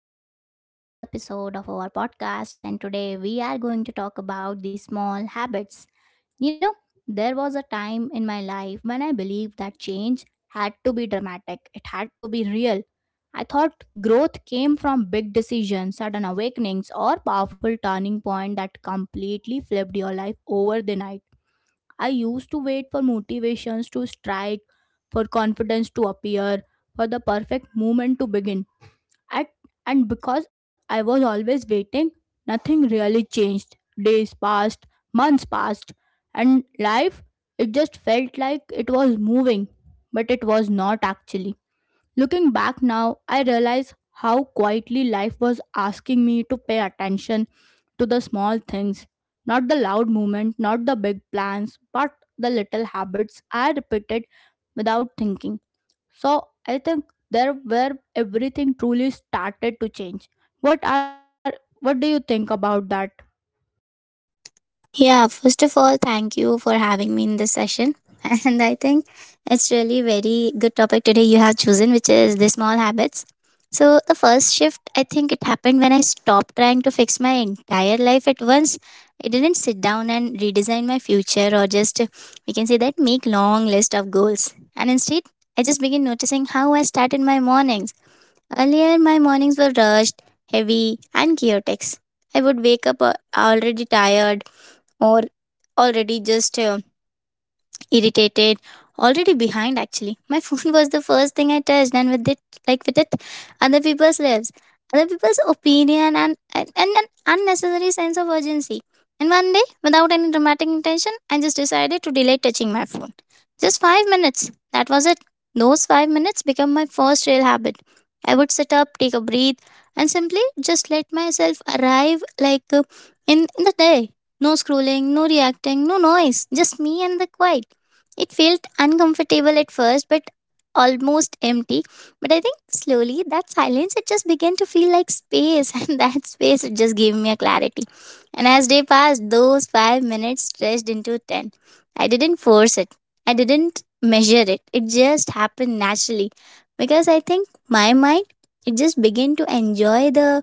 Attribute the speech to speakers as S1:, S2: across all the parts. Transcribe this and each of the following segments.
S1: everyone, to the new episode of our podcast. And today we are going to talk about the small habits. You know, there was a time in my life when I believed that change had to be dramatic, it had to be real. I thought growth came from big decisions, sudden awakenings, or powerful turning point that completely flipped your life over the night. I used to wait for motivations to strike, for confidence to appear, for the perfect moment to begin at, and because I was always waiting, nothing really changed. Days passed, months passed, and life, it just felt like it was moving, but it was not actually. Looking back now, I realize how quietly life was asking me to pay attention to the small things. Not the loud movement, not the big plans, but the little habits I repeated without thinking. So I think there where everything truly started to change. What are what do you think about that?
S2: Yeah, first of all, thank you for having me in this session. And I think it's really very good topic today you have chosen, which is the small habits. So the first shift, I think it happened when I stopped trying to fix my entire life at once. I didn't sit down and redesign my future, or just we can say that make long list of goals. And instead, I just began noticing how I started my mornings. Earlier, my mornings were rushed, heavy, and chaotic. I would wake up already tired, or already just irritated, already behind. Actually, my phone was the first thing I touched, and with it, like with it other people's lives, other people's opinion, and an unnecessary sense of urgency. And one day, without any dramatic intention, I just decided to delay touching my phone, just 5 minutes. That was it. Those 5 minutes became my first real habit. I would sit up, take a breathe, and simply just let myself arrive, like, in the day. No scrolling, no reacting, no noise, just me and the quiet. It felt uncomfortable at first, but almost empty. But I think slowly that silence, it just began to feel like space, and that space, it just gave me a clarity. And as day passed, those 5 minutes stretched into 10. I didn't force it. I didn't measure it. It just happened naturally. Because I think my mind, it just began to enjoy the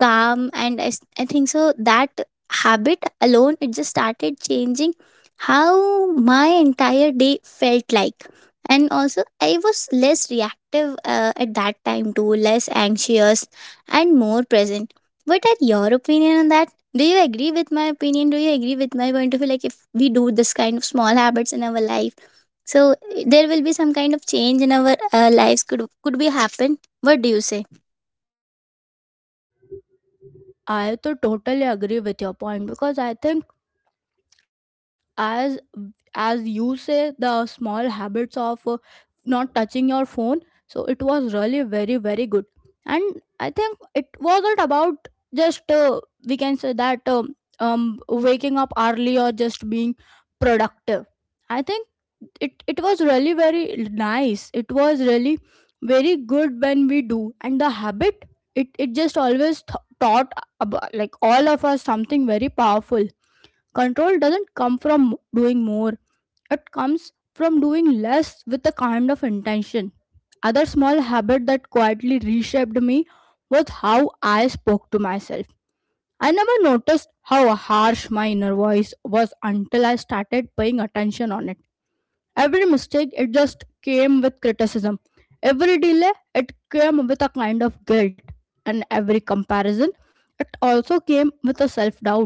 S2: calm, and I think so that habit alone, it just started changing how my entire day felt like. And also, I was less reactive at that time too, less anxious and more present. What are your opinion on that? Do you agree with my opinion? Do you agree with my point of view, like, if we do this kind of small habits in our life, so there will be some kind of change in our lives, could be happen? What do you say?
S1: I to totally agree with your point because I think as as you say the small habits of not touching your phone, so it was really very very good. And I think it wasn't about just we can say that waking up early or just being productive. I think it was really very nice, it was really very good when we do. And the habit, it just always taught about like all of us something very powerful. Control doesn't come from doing more, it comes from doing less with a kind of intention. Other small habit that quietly reshaped me was how I spoke to myself. I never noticed how harsh my inner voice was until I started paying attention on it. Every mistake, it just came with criticism. Every delay, it came with a kind of guilt. And every comparison, it also came with a self doubt.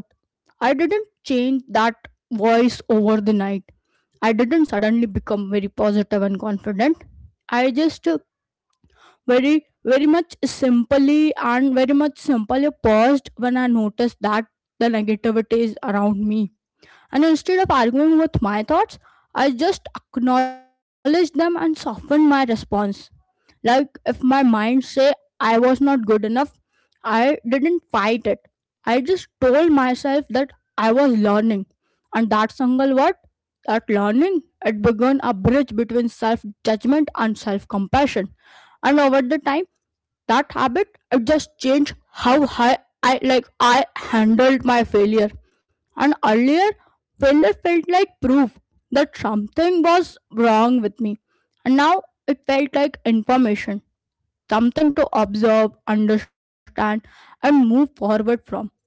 S1: I didn't change that voice over the night. I didn't suddenly become very positive and confident. I just very, very much simply and very much simply paused when I noticed that the negativity is around me. And instead of arguing with my thoughts, I just acknowledged them and softened my response. Like if my mind say I was not good enough, I didn't fight it. I just told myself that I was learning. And that single word, that learning, it began a bridge between self judgment and self compassion. And over the time, that habit it just changed how high I handled my failure. And earlier, failure felt like proof that something was wrong with me, and now it felt like information, something to observe, understand, and move forward from.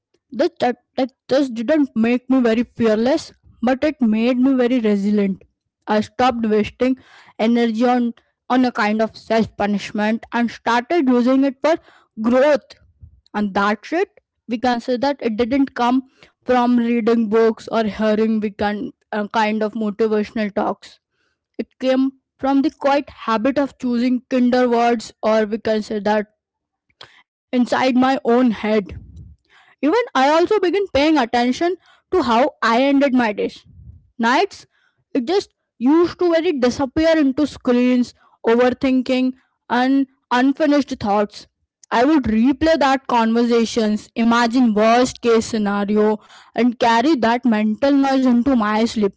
S1: This that, like this didn't make me very fearless, but it made me very resilient. I stopped wasting energy on a kind of self punishment and started using it for growth. And that's it. We can say that it didn't come from reading books or hearing, we can kind of motivational talks. It came from the quiet habit of choosing kinder words, or we can say that inside my own head. Even I also began paying attention to how I ended my days. Nights, it just used to very disappear into screens, overthinking, and unfinished thoughts. I would replay that conversations, imagine worst case scenario, and carry that mental noise into my sleep.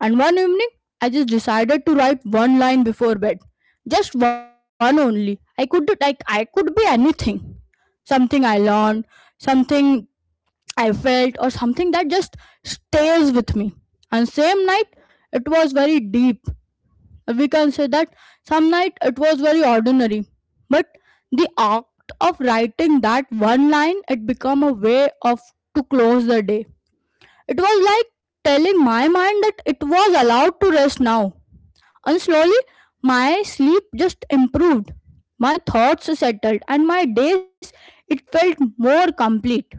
S1: And one evening, I just decided to write one line before bed. Just one only. I could like I could be anything, something I learned, something I felt, or something that just stays with me. And same night, it was very deep. We can say that some night it was very ordinary, but the act of writing that one line, it became a way of to close the day. It was like telling my mind that it was allowed to rest now. And slowly, my sleep just improved. My thoughts settled, and my days it felt more complete.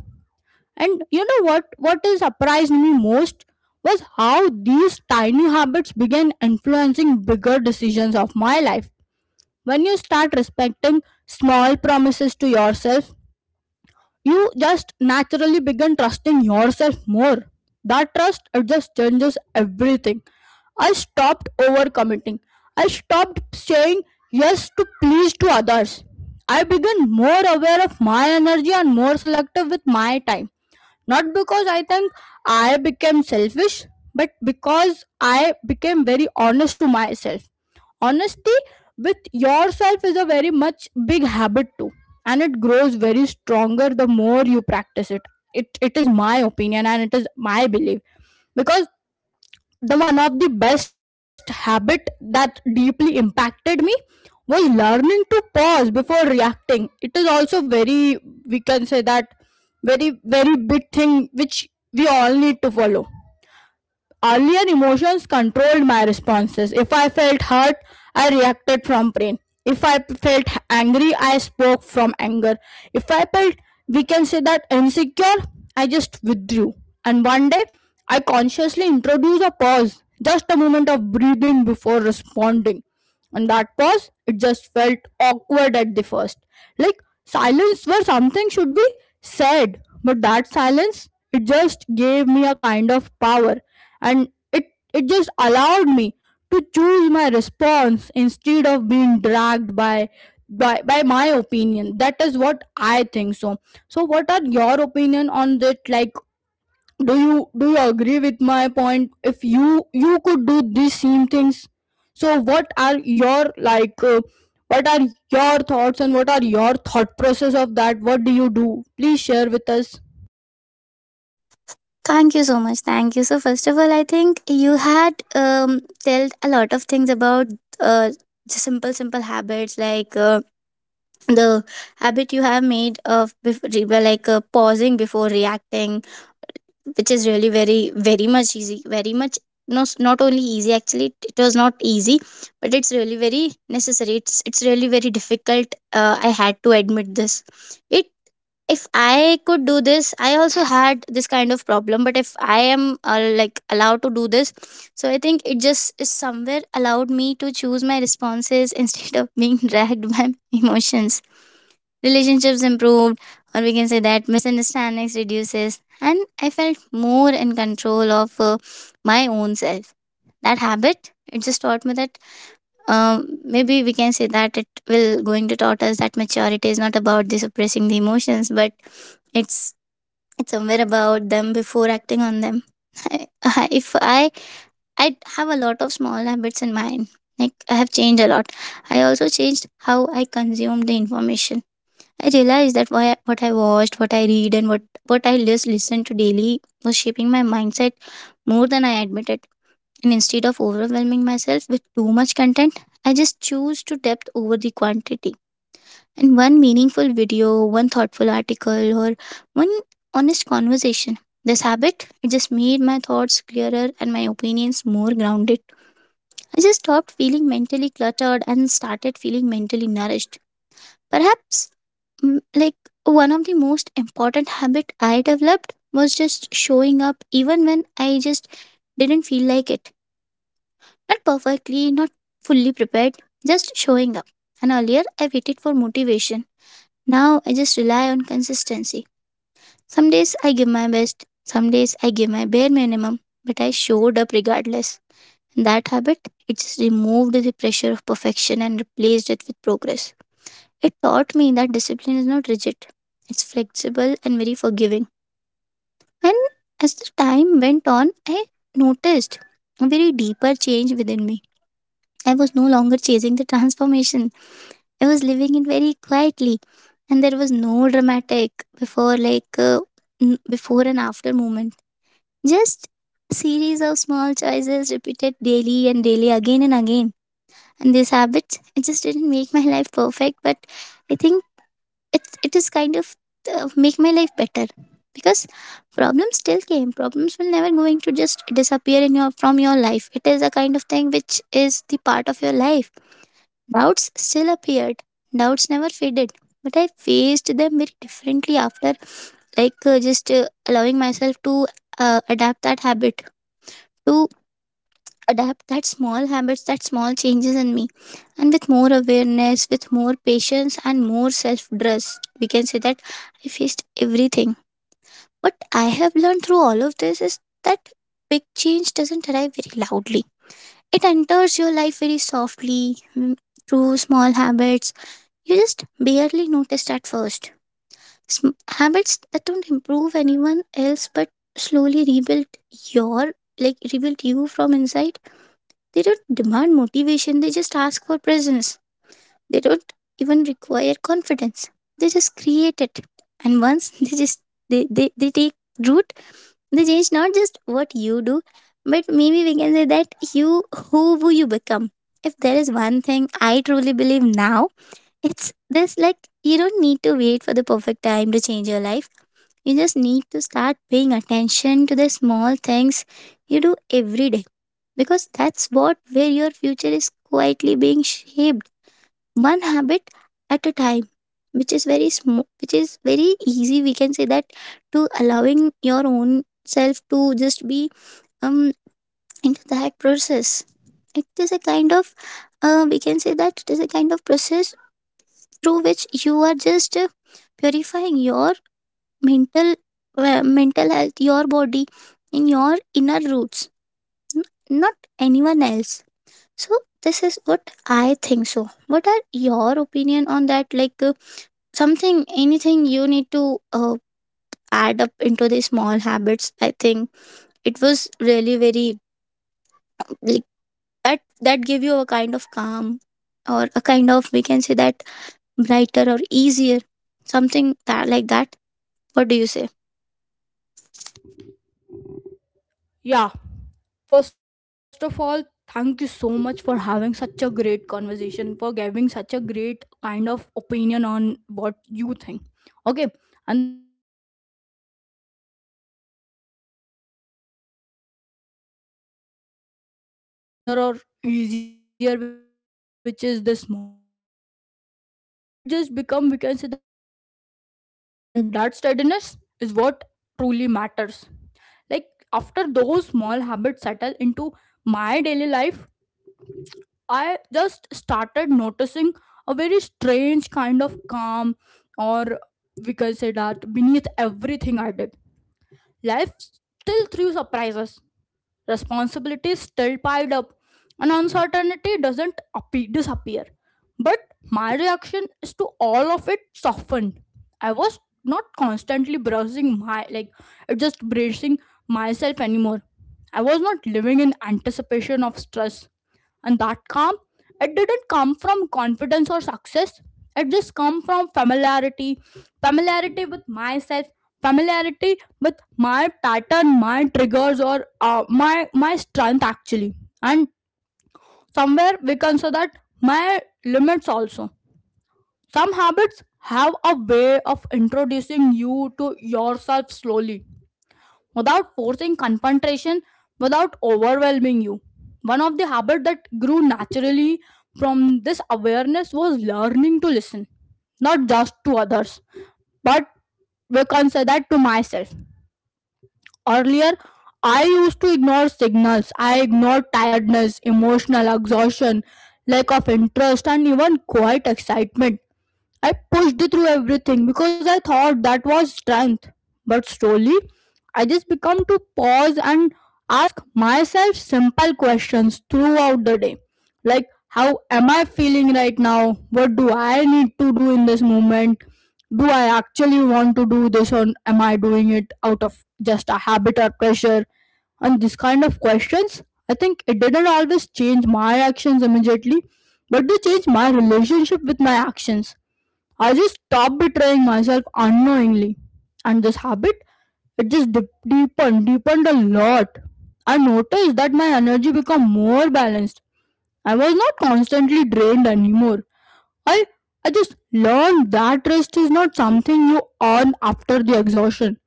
S1: And you know what? What has surprised me most was how these tiny habits began influencing bigger decisions of my life. When you start respecting small promises to yourself, you just naturally begin trusting yourself more. That trust, it just changes everything. I stopped overcommitting. I stopped saying yes to please to others. I began more aware of my energy and more selective with my time. Not because I think I became selfish, but because I became very honest to myself. Honesty with yourself is a very much big habit too, and it grows very stronger the more you practice it. It is my opinion and it is my belief, because the one of the best habit that deeply impacted me was learning to pause before reacting. It is also very, we can say that very very big thing which we all need to follow. Earlier emotions controlled my responses. If I felt hurt, I reacted from pain. If I felt angry, I spoke from anger. If I felt, we can say that insecure, I just withdrew. And one day, I consciously introduced a pause, just a moment of breathing before responding. And that pause, it just felt awkward at the first. Like silence where something should be said, but that silence, it just gave me a kind of power. And it just allowed me to choose my response instead of being dragged by my opinion. That is what I think. So so what are your opinion on that, like, do you agree with my point? If you could do these same things, so what are your like what are your thoughts, and what are your thought process of that? What do you do? Please share with us.
S2: Thank you so much. Thank you. So first of all, I think you had told a lot of things about uh the simple habits, like, the habit you have made of before, like, pausing before reacting, which is really very very much easy, very much. No s- not only easy, actually. It was not easy, but it's really very necessary. It's really very difficult. I had to admit this. It If I could do this, I also had this kind of problem. But if I am, like, allowed to do this, so I think it just is somewhere allowed me to choose my responses instead of being dragged by emotions. Relationships improved, or we can say that misunderstandings reduces, and I felt more in control of my own self. That habit, it just taught me that, maybe we can say that it will going to taught us that maturity is not about the suppressing the emotions, but it's somewhere about them before acting on them. If I have a lot of small habits in mind, like, I have changed a lot. I also changed how I consume the information. I realized that why, what I watched, what I read, and what I just listened to daily was shaping my mindset more than I admitted. And instead of overwhelming myself with too much content, I just choose to depth over the quantity. And one meaningful video, one thoughtful article, or one honest conversation. This habit, it just made my thoughts clearer and my opinions more grounded. I just stopped feeling mentally cluttered and started feeling mentally nourished. Perhaps, like, one of the most important habit I developed was just showing up even when I just didn't feel like it, not perfectly, not fully prepared, just showing up. And earlier, I waited for motivation. Now I just rely on consistency. Some days I give my best, some days I give my bare minimum, but I showed up regardless. And that habit, it just removed the pressure of perfection and replaced it with progress. It taught me that discipline is not rigid, it's flexible and very forgiving. And as the time went on, I noticed a very deeper change within me. I was no longer chasing the transformation, I was living it very quietly. And there was no dramatic before, like, before and after moment. Just a series of small choices repeated daily and daily again and again. And these habits, it just didn't make my life perfect, but I think it is kind of, make my life better. Because problems still came, problems will never going to just disappear in your from your life. It is a kind of thing which is the part of your life. Doubts still appeared, doubts never faded, but I faced them very differently after, like, just, allowing myself to, adapt that habit, to adapt that small habits, that small changes in me. And with more awareness, with more patience, and more self trust, we can say that I faced everything. What I have learned through all of this is that big change doesn't arrive very loudly, it enters your life very softly, through small habits. You just barely noticed at first. Habits that don't improve anyone else, but slowly rebuild your, rebuild you from inside. They don't demand motivation, they just ask for presence. They don't even require confidence. They just create it. And once they take root, they change not just what you do, but maybe we can say that you who will you become. If there is one thing I truly believe now, it's this, like, you don't need to wait for the perfect time to change your life. You just need to start paying attention to the small things you do every day, because that's what where your future is quietly being shaped, one habit at a time, which is very small, which is very easy, we can say that, to allowing your own self to just be, um into that process. It is a kind of, we can say that it is a kind of process through which you are just, purifying your mental, well, mental health, your body, in your inner roots, n- not anyone else. So this is what I think. So what are your opinion on that, like, something, anything you need to, add up into these small habits? I think it was really very, like, that gave you a kind of calm, or a kind of, we can say that, brighter or easier, something that like that. What do you say?
S1: Yeah, first of all, thank you so much for having such a great conversation, for giving such a great kind of opinion on what you think. Okay. And then the story that I think that doesn't suddenly become very brighter or easier, which is the small habits, it just become, we can say that, our life become very steadier. And that steadiness is what truly matters. Like, after those small habits settle into my daily life, I just started noticing a very strange kind of calm, or we can say that, beneath everything I did, life still threw surprises, responsibilities still piled up, and uncertainty doesn't disappear. But my reaction is to all of it softened. I was not constantly brushing my like, just bracing myself anymore. I was not living in anticipation of stress. And that calm, it didn't come from confidence or success, it just come from familiarity. Familiarity with myself, familiarity with my pattern, my triggers, or my strength actually. And somewhere, we can say that, my limits also. Some habits have a way of introducing you to yourself slowly, without forcing confrontation, without overwhelming you. One of the habits that grew naturally from this awareness was learning to listen, not just to others, but we can say that to myself. Earlier, I used to ignore signals. I ignored tiredness, emotional exhaustion, lack of interest, and even quiet excitement. I pushed through everything because I thought that was strength. But slowly, I just become to pause and ask myself simple questions throughout the day. Like, how am I feeling right now? What do I need to do in this moment? Do I actually want to do this, or am I doing it out of just a habit or pressure? And this kind of questions, I think it didn't always change my actions immediately, but they changed my relationship with my actions. I just stopped betraying myself unknowingly. And this habit, it just deepened, deepened a lot. I noticed that my energy become more balanced. I was not constantly drained anymore. I I just learned that rest is not something you earn after the exhaustion,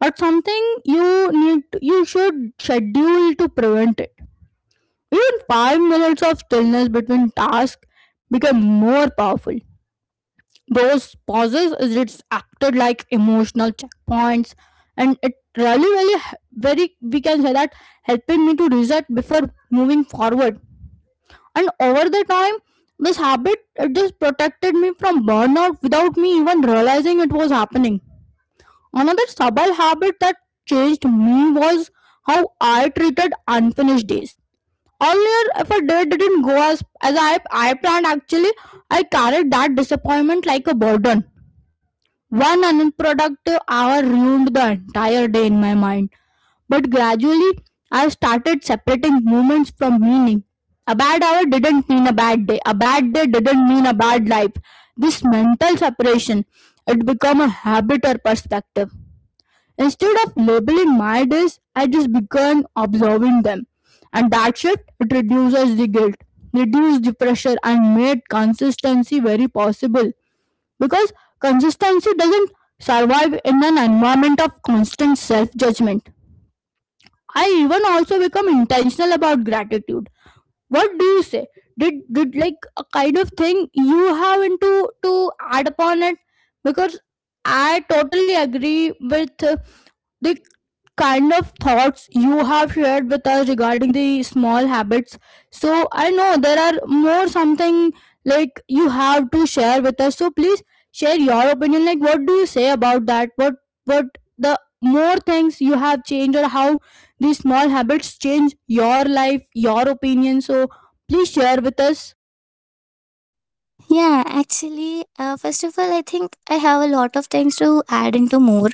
S1: but something you you should schedule to prevent it. Even 5 minutes of stillness between tasks became more powerful. Those pauses is it's acted like emotional checkpoints, and it really really very, we can say that, helping me to reset before moving forward. And over the time, this habit it just protected me from burnout without me even realizing it was happening. Another subtle habit that changed me was how I treated unfinished days. Earlier, if a day didn't go as I planned actually, I carried that disappointment like a burden. One unproductive hour ruined the entire day in my mind. But gradually, I started separating moments from meaning. A bad hour didn't mean a bad day. A bad day didn't mean a bad life. This mental separation, it became a habit or perspective. Instead of labeling my days, I just began observing them. And that shift, it reduces the guilt, reduced the pressure, and made consistency very possible, because consistency doesn't survive in an environment of constant self judgment. I even also become intentional about gratitude. What do you say? Did like a kind of thing you have into to add upon it? Because I totally agree with the kind of thoughts you have shared with us regarding the small habits. So I know there are more something like you have to share with us. So please share your opinion. Like what do you say about that? What the more things you have changed or how these small habits change your life, your opinion. So please share with us.
S2: Yeah, actually, first of all, I think I have a lot of things to add into more.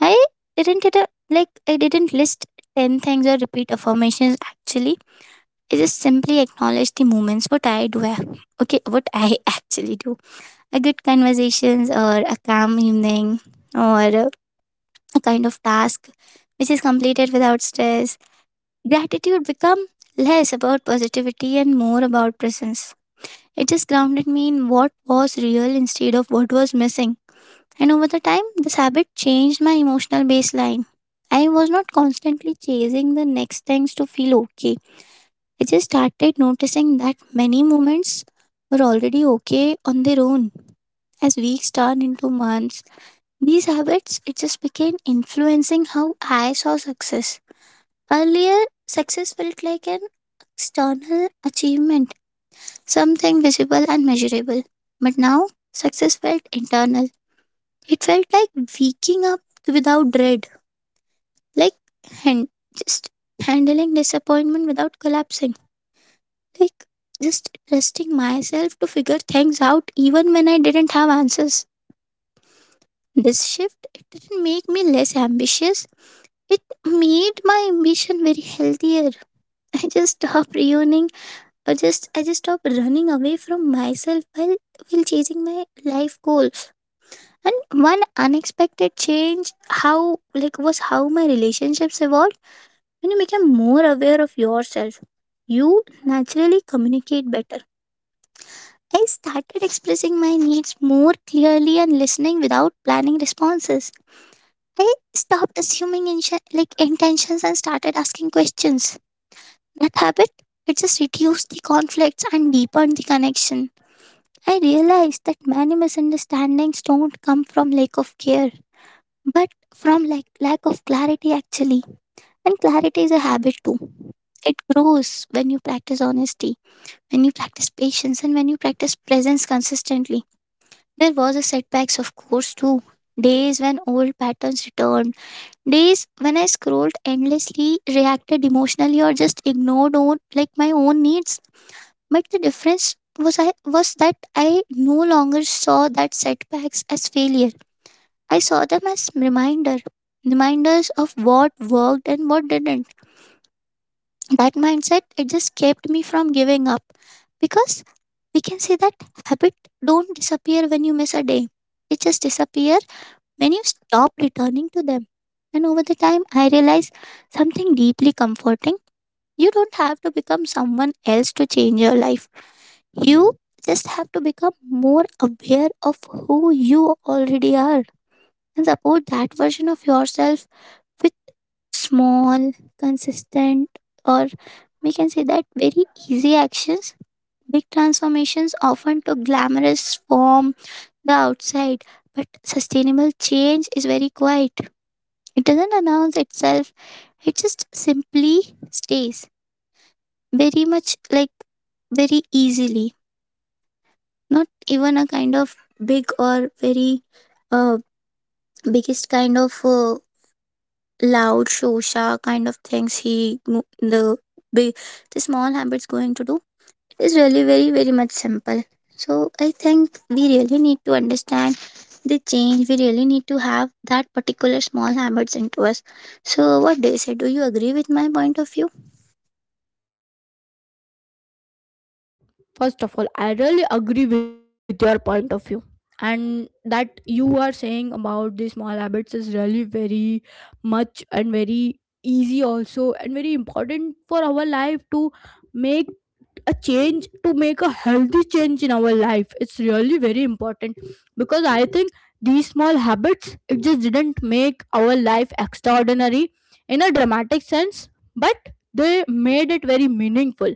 S2: I didn't like, I didn't list 10 things or repeat affirmations. Actually, I just simply acknowledge the moments what I do. Okay, what I actually do. A good conversations, or a calm evening, or a kind of task which is completed without stress. Gratitude become less about positivity and more about presence. It just grounded me in what was real instead of what was missing. And over the time, this habit changed my emotional baseline. I was not constantly chasing the next things to feel okay. I just started noticing that many moments were already okay on their own. As weeks turned into months, these habits, it just began influencing how I saw success. Earlier, success felt like an external achievement, something visible and measurable. But now, success felt internal. It felt like waking up without dread, like, hand, just handling disappointment without collapsing, like, just trusting myself to figure things out even when I didn't have answers. This shift, it didn't make me less ambitious. It made my ambition very healthier. I just stopped running, or just I just stopped running away from myself while chasing my life goals. And one unexpected change, how like was how my relationships evolved. When you become more aware of yourself, you naturally communicate better. I started expressing my needs more clearly and listening without planning responses. I stopped assuming like intentions and started asking questions. That habit, it just reduced the conflicts and deepened the connection. I realized that many misunderstandings don't come from lack of care. But from lack of clarity actually. And clarity is a habit too. It grows when you practice honesty, when you practice patience, and when you practice presence consistently. There was a setbacks of course too, days when old patterns returned, days when I scrolled endlessly, reacted emotionally, or just ignored own, my own needs. But the difference was I no longer saw that setbacks as failure. I saw them as reminder, reminders of what worked and what didn't. That mindset it just kept me from giving up, because we can say that habit don't disappear when you miss a day. It just disappear when you stop returning to them. And over the time I realized something deeply comforting. You don't have to become someone else to change your life. You just have to become more aware of who you already are and support that version of yourself, small, consistent, or we can say that very easy actions. Big transformations often took glamorous form the outside, but sustainable change is very quiet. It doesn't announce itself, it just simply stays, very much like very easily. Not even a kind of big or very uh, biggest kind of loud shosha kind of things he mo- the big, the small habits going to do, it is really very much simple. So I think we really need to understand the change, we really need to have that particular small habits into us. So what do you say, do you agree with my point of view?
S1: Yeah, first of all, I really agree with your point of view, and that you are saying about the small habits is really very much and very easy also and very important for our life to make a change, to make a healthy change in our life. It's really very important because I think these small habits, it just didn't make our life extraordinary in a dramatic sense, but they made it very meaningful.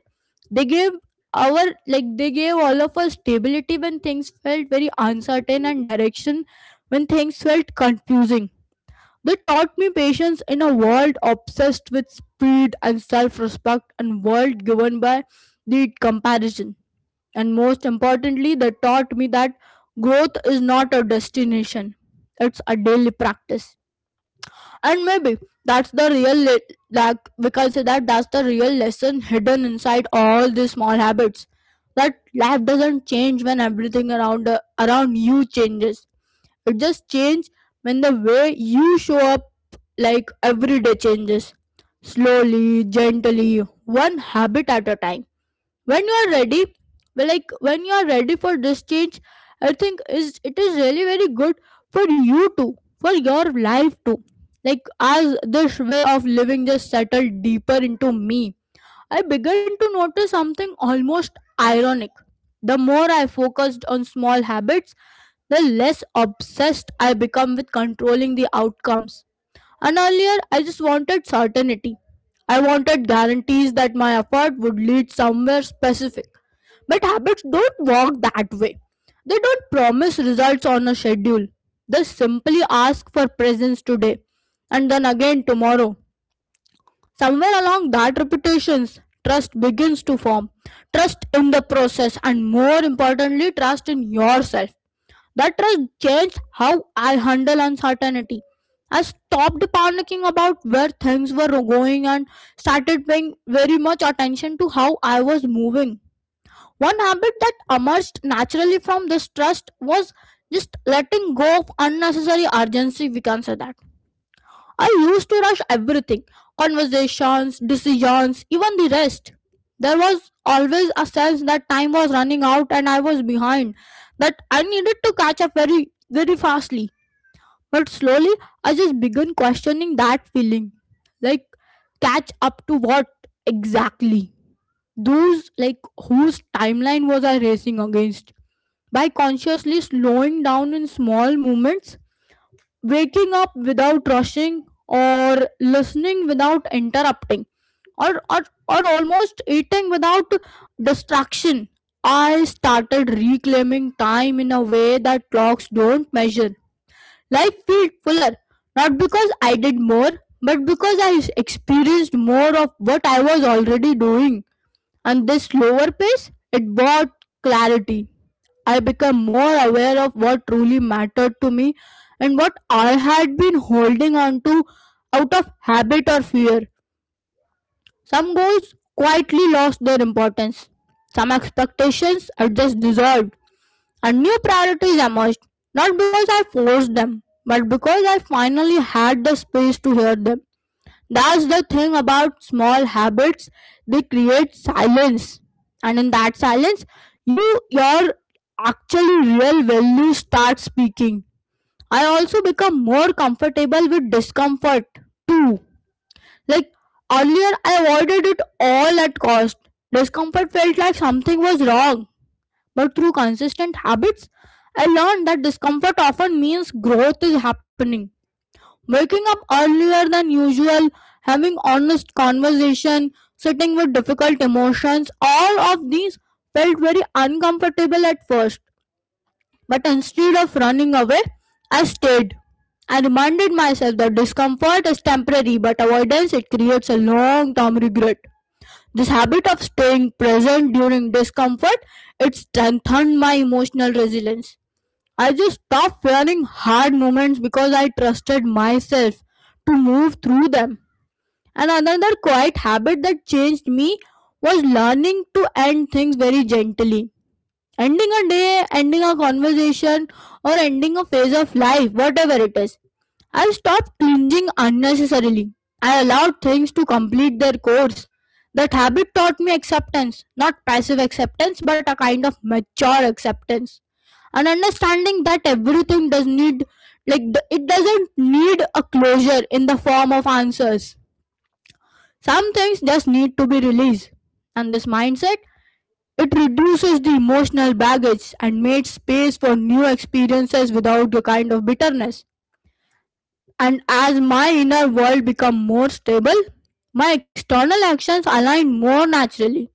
S1: They gave our like they gave all of us stability when things felt very uncertain, and direction when things felt confusing. They taught me patience in a world obsessed with speed, and self-respect and world governed by the comparison. And most importantly, they taught me that growth is not a destination. It's a daily practice, and maybe that's the real le- like we can say that that's the real lesson hidden inside all these small habits, that life doesn't change when everything around you changes. It just changes when the way you show up, like every day, changes slowly, gently, one habit at a time, when you are ready. Well, like when you are ready for this change, I think is it is really very good for you too, for your life too. Like as this way of living just settled deeper into me, I began to notice something almost ironic. The more I focused on small habits, the less obsessed I become with controlling the outcomes. And earlier, I just wanted certainty. I wanted guarantees that my effort would lead somewhere specific. But habits don't work that way. They don't promise results on a schedule. They simply ask for presence today, and then again tomorrow. Somewhere along that repetitions, trust begins to form. Trust in the process, and more importantly, trust in yourself. That trust changed how I handle uncertainty. I stopped panicking about where things were going and started paying very much attention to how I was moving. One habit that emerged naturally from this trust was just letting go of unnecessary urgency, we can say that. I used to rush everything: conversations, decisions, even the rest. There was always a sense that time was running out and I was behind, that I needed to catch up very, very fastly. But slowly, I just began questioning that feeling. Like, catch up to what exactly? Those, like, whose timeline was I racing against? By consciously slowing down in small moments, waking up without rushing, or listening without interrupting, or, or, or almost eating without distraction. I started reclaiming time in a way that clocks don't measure. Life felt fuller, not because I did more, but because I experienced more of what I was already doing. And this slower pace, it brought clarity. I became more aware of what truly mattered to me, and what I had been holding on to out of habit or fear. Some goals quietly lost their importance, some expectations are just dissolved, and new priorities emerged, not because I forced them, but because I finally had the space to hear them. That's the thing about small habits, they create silence. And in that silence, you your actually real value start speaking. I also become more comfortable with discomfort too. Like earlier I avoided it all at cost. Discomfort felt like something was wrong. But through consistent habits, I learned that discomfort often means growth is happening. Waking up earlier than usual, having honest conversation, sitting with difficult emotions, all of these felt very uncomfortable at first. But instead of running away, I stayed. I reminded myself that discomfort is temporary, but avoidance it creates a long-term regret. This habit of staying present during discomfort, it strengthened my emotional resilience. I just stopped fearing hard moments because I trusted myself to move through them. And another quiet habit that changed me was learning to end things very gently: ending a day, ending a conversation, or ending a phase of life, whatever it is. I stopped clinging unnecessarily. I allowed things to complete their course. That habit taught me acceptance, not passive acceptance, but a kind of mature acceptance. And understanding that everything does need, it doesn't need a closure in the form of answers. Some things just need to be released. And this mindset, it reduces the emotional baggage and made space for new experiences without a kind of bitterness. And as my inner world become more stable, my external actions align more naturally.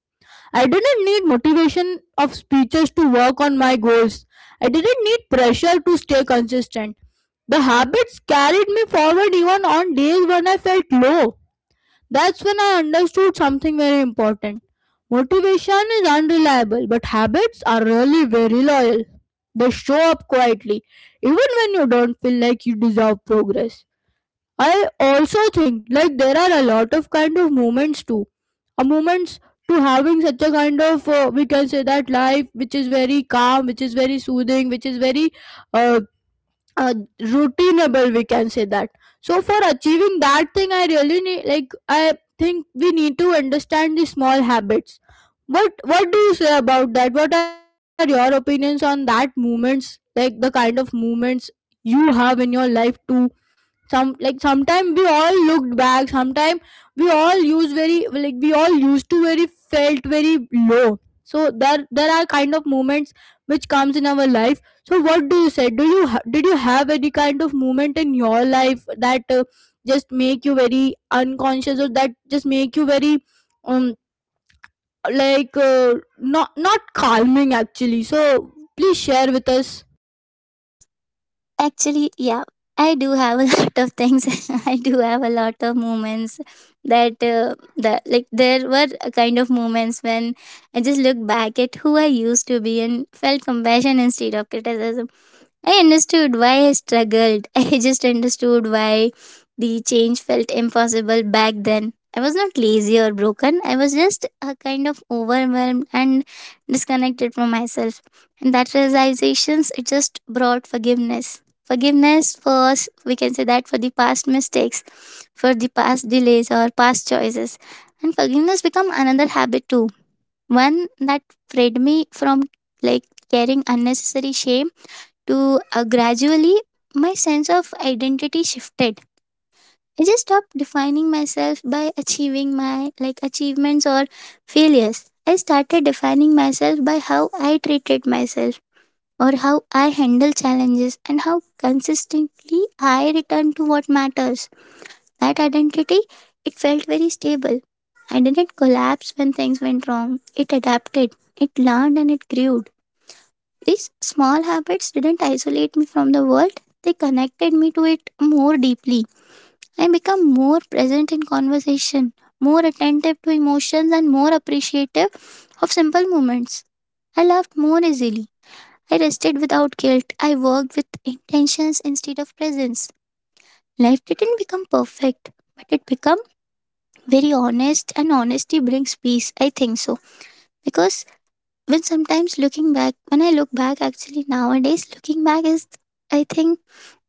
S1: I didn't need motivation of speeches to work on my goals. I didn't need pressure to stay consistent. The habits carried me forward even on days when I felt low. That's when I understood something very important. Motivation is unreliable, but habits are really very loyal. They show up quietly, even when you don't feel like you deserve progress. I also think like there are a lot of kind of moments too. A moments to having such a kind of we can say that life, which is very calm, which is very soothing, which is very uh, uh, routineable, we can say that. So for achieving that thing, I really need, like, I think we need to understand the small habits. What do you say about that? What are your opinions on that movements? Like the kind of movements you have in your life to some, like sometimes we all looked back. Sometimes we all use very, like we all used to very felt very low. So there are kind of moments which comes in our life. So what do you say? Did you have any kind of moment in your life that just make you very unconscious, or that just make you very um like uh, not calming actually? So please share with us.
S2: Actually, yeah, I do have a lot of things. I do have a lot of moments that, there were a kind of moments when I just look back at who I used to be and felt compassion instead of criticism. I understood why I struggled. I just understood why the change felt impossible back then. I was not lazy or broken. I was just a kind of overwhelmed and disconnected from myself. And that realizations it just brought forgiveness. Forgiveness for we can say that for the past mistakes, for the past delays or past choices. And forgiveness become another habit too. One that freed me from like carrying unnecessary shame. To gradually my sense of identity shifted. I just stopped defining myself by achieving my like achievements or failures. I started defining myself by how I treated myself, or how I handle challenges, and how consistently I return to what matters. That identity, it felt very stable. I didn't collapse when things went wrong, it adapted, it learned, and it grew. These small habits didn't isolate me from the world, they connected me to it more deeply. I became more present in conversation, more attentive to emotions, and more appreciative of simple moments. I laughed more easily. I rested without guilt. I worked with intentions instead of presence. Life didn't become perfect, but it became very honest, and honesty brings peace, I think so. Because when I look back, actually nowadays, looking back is, I think,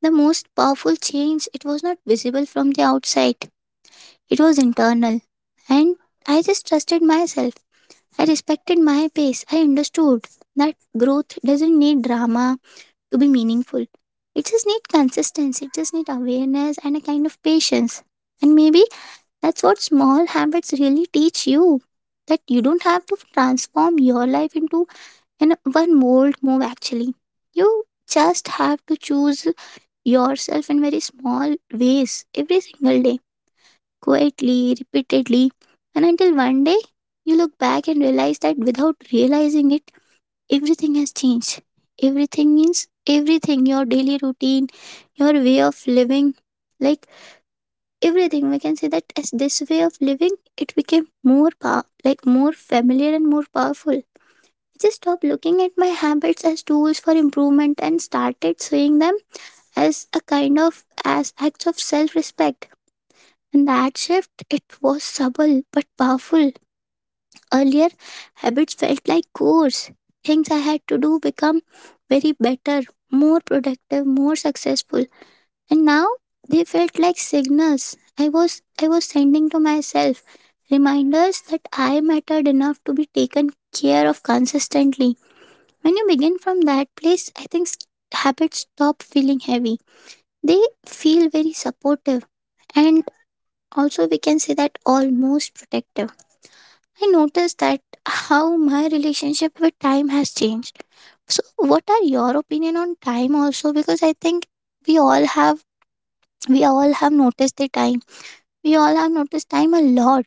S2: the most powerful change. It was not visible from the outside, it was internal. And I just trusted myself. I respected my pace. I understood that growth doesn't need drama to be meaningful. It just needs consistency, it just needs awareness and a kind of patience. And maybe that's what small habits really teach you, that you don't have to transform your life into in one bold move actually. You just have to choose yourself in very small ways, every single day, quietly, repeatedly, and until one day you look back and realize that without realizing it, everything has changed. Everything means everything, your daily routine, your way of living, like everything, we can say that. As this way of living, it became more familiar and more powerful. I just stopped looking at my habits as tools for improvement and started seeing them as acts of self-respect. And that shift, it was subtle but powerful. Earlier, habits felt like chores, things I had to do become very better, more productive, more successful. And now they felt like signals I was sending to myself, reminders that I mattered enough to be taken care of consistently. When you begin from that place, I think habits stop feeling heavy. They feel very supportive, and also we can say that almost protective. I noticed that how my relationship with time has changed. So what are your opinion on time also, because I think we all have we all have noticed the time. We all have noticed time a lot.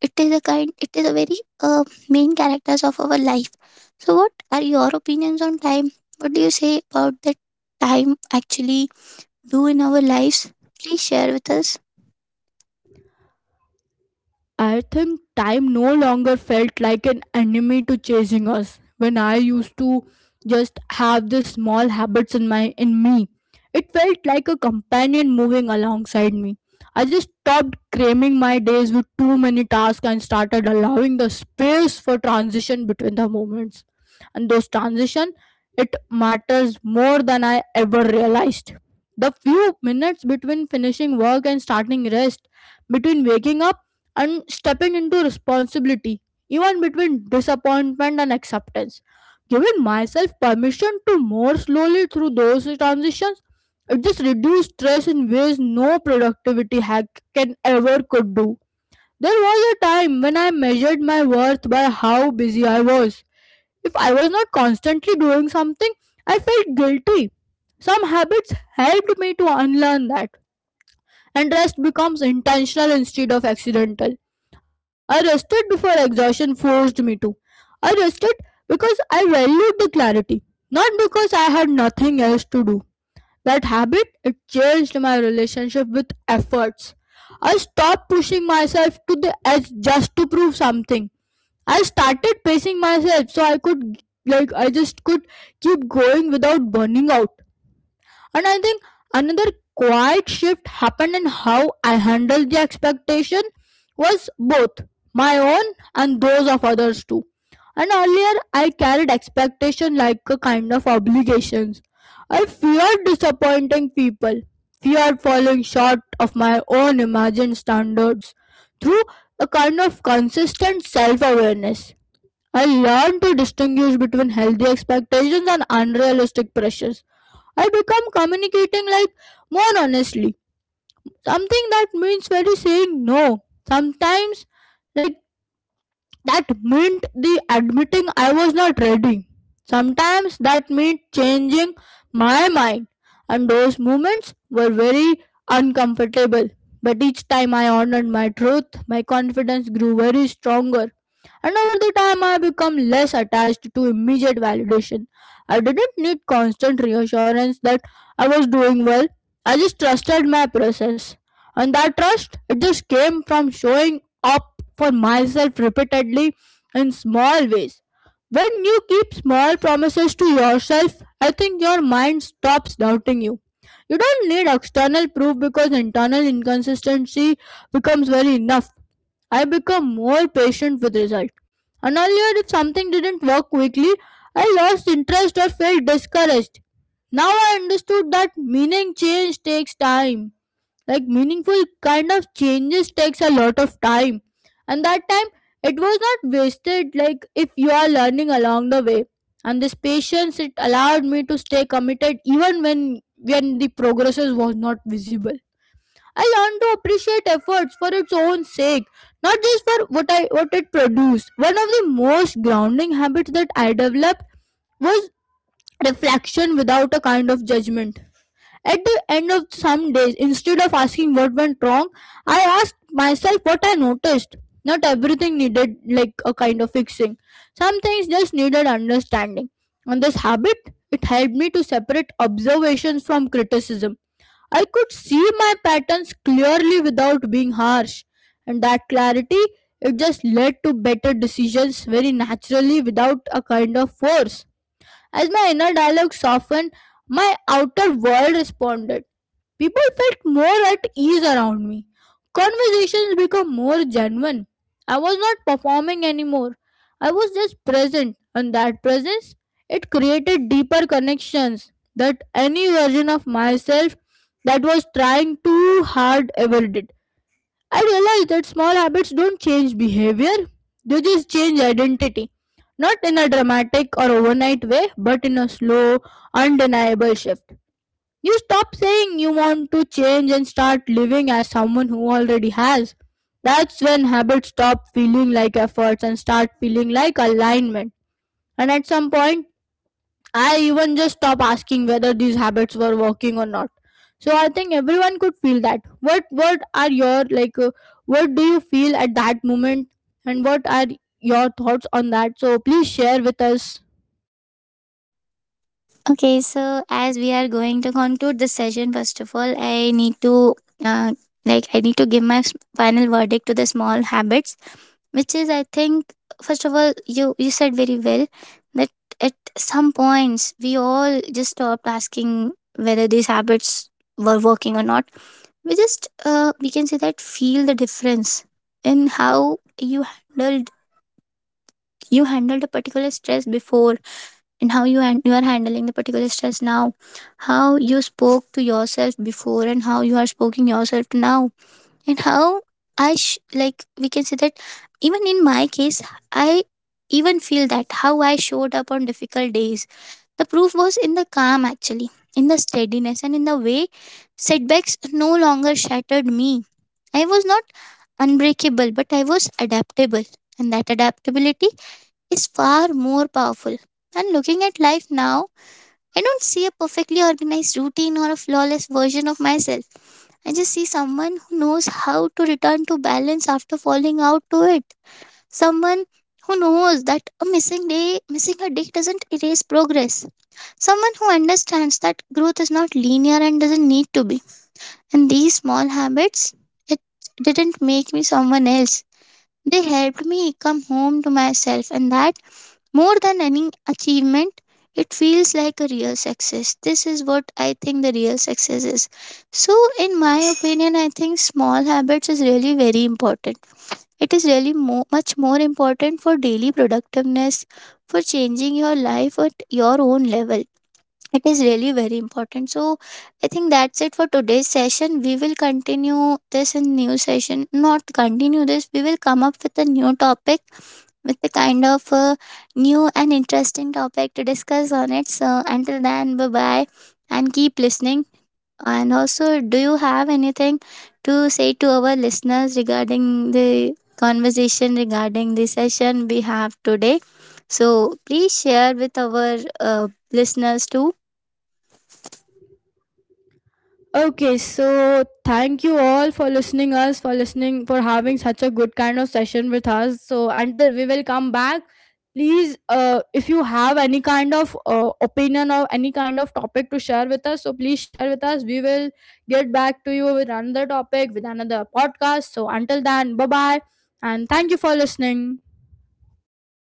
S2: It is a very uh, main characters of our life. So what are your opinions on time, what do you say about that? Time actually do in our lives, please share with us.
S1: I think time no longer felt like an enemy to chasing us. When I used to just have these small habits in my in me, it felt like a companion moving alongside me. I just stopped cramming my days with too many tasks and started allowing the space for transition between the moments. And those transition, it matters more than I ever realized. The few minutes between finishing work and starting rest, between waking up and stepping into responsibility, even between disappointment and acceptance. Giving myself permission to more slowly through those transitions, it just reduced stress in ways no productivity hack can ever could do. There was a time when I measured my worth by how busy I was. If I was not constantly doing something, I felt guilty. Some habits helped me to unlearn that, and rest becomes intentional instead of accidental. I rested before exhaustion forced me to. I rested because I valued the clarity, not because I had nothing else to do. That habit, it changed my relationship with efforts. I stopped pushing myself to the edge just to prove something. I started pacing myself so I could, like I just could keep going without burning out. And I think another quiet shift happened in how I handled the expectation, was both my own and those of others too. And earlier I carried expectation like a kind of obligations. I feared disappointing people, feared falling short of my own imagined standards. Through a kind of consistent self awareness, I learned to distinguish between healthy expectations and unrealistic pressures. I become communicating like more honestly. Something that means very saying no. Sometimes like that meant the admitting I was not ready. Sometimes that meant changing my mind, and those moments were very uncomfortable. But each time I honored my truth, my confidence grew very stronger. And over the time, I became less attached to immediate validation. I didn't need constant reassurance that I was doing well. I just trusted my process, and that trust, it just came from showing up for myself repeatedly in small ways. When you keep small promises to yourself, I think your mind stops doubting you. You don't need external proof because internal inconsistency becomes very enough. I become more patient with result. And earlier, if something didn't work quickly, I lost interest or felt discouraged. Now I understood that meaning change takes time. Like meaningful kind of changes takes a lot of time, and that time, it was not wasted, like if you are learning along the way. And this patience, it allowed me to stay committed even when the progresses was not visible. I learned to appreciate efforts for its own sake, not just for what I what it produced. One of the most grounding habits that I developed was reflection without a kind of judgment. At the end of some days, instead of asking what went wrong, I asked myself what I noticed. Not everything needed like a kind of fixing. Some things just needed understanding. And this habit, it helped me to separate observations from criticism. I could see my patterns clearly without being harsh. And that clarity, it just led to better decisions very naturally without a kind of force. As my inner dialogue softened, my outer world responded. People felt more at ease around me. Conversations became more genuine. I was not performing anymore. I was just present, and that presence, it created deeper connections that any version of myself that was trying too hard ever did. I realized that small habits don't change behavior, they just change identity. Not in a dramatic or overnight way, but in a slow, undeniable shift. You stop saying you want to change and start living as someone who already has. That's when habits stop feeling like efforts and start feeling like alignment. And at some point, I even just stop asking whether these habits were working or not. So I think everyone could feel that. What are your like what do you feel at that moment, and what are your thoughts on that? So please share with us.
S2: Okay, so as we are going to conclude the session, first of all, I need to uh, I need to give my final verdict to the small habits, which is I think first of all you said very well that at some points we all just stopped asking whether these habits were working or not. We just we can say that feel the difference in how handled you handled a particular stress before and how you are handling the particular stress now, how you spoke to yourself before and how you are speaking yourself now. And how I sh- like we can say that, even in my case, I even feel that how I showed up on difficult days, the proof was in the calm actually, in the steadiness, and in the way setbacks no longer shattered me. I was not unbreakable, but I was adaptable, and that adaptability is far more powerful. And looking at life now, I don't see a perfectly organized routine or a flawless version of myself. I just see someone who knows how to return to balance after falling out to it. Someone who knows that missing a day doesn't erase progress. Someone who understands that growth is not linear and doesn't need to be. And these small habits, it didn't make me someone else. They helped me come home to myself, and that, more than any achievement, it feels like a real success. This is what I think the real success is. So, in my opinion, I think small habits is really very important. It is really much more important for daily productiveness, for changing your life at your own level. It is really very important. So I think that's it for today's session. We will continue this in new session. Not continue this. We will come up with a new topic, with a kind of new and interesting topic to discuss on it. So until then, bye bye and keep listening. And also, do you have anything to say to our listeners regarding the conversation, regarding the session we have today? So please share with our listeners too.
S1: Okay, so thank you all for listening us, for listening, for having such a good kind of session with us. So until we will come back, please, if you have any kind of opinion or any kind of topic to share with us, so please share with us. We will get back to you with another topic, with another podcast. So until then, bye bye, and thank you for listening.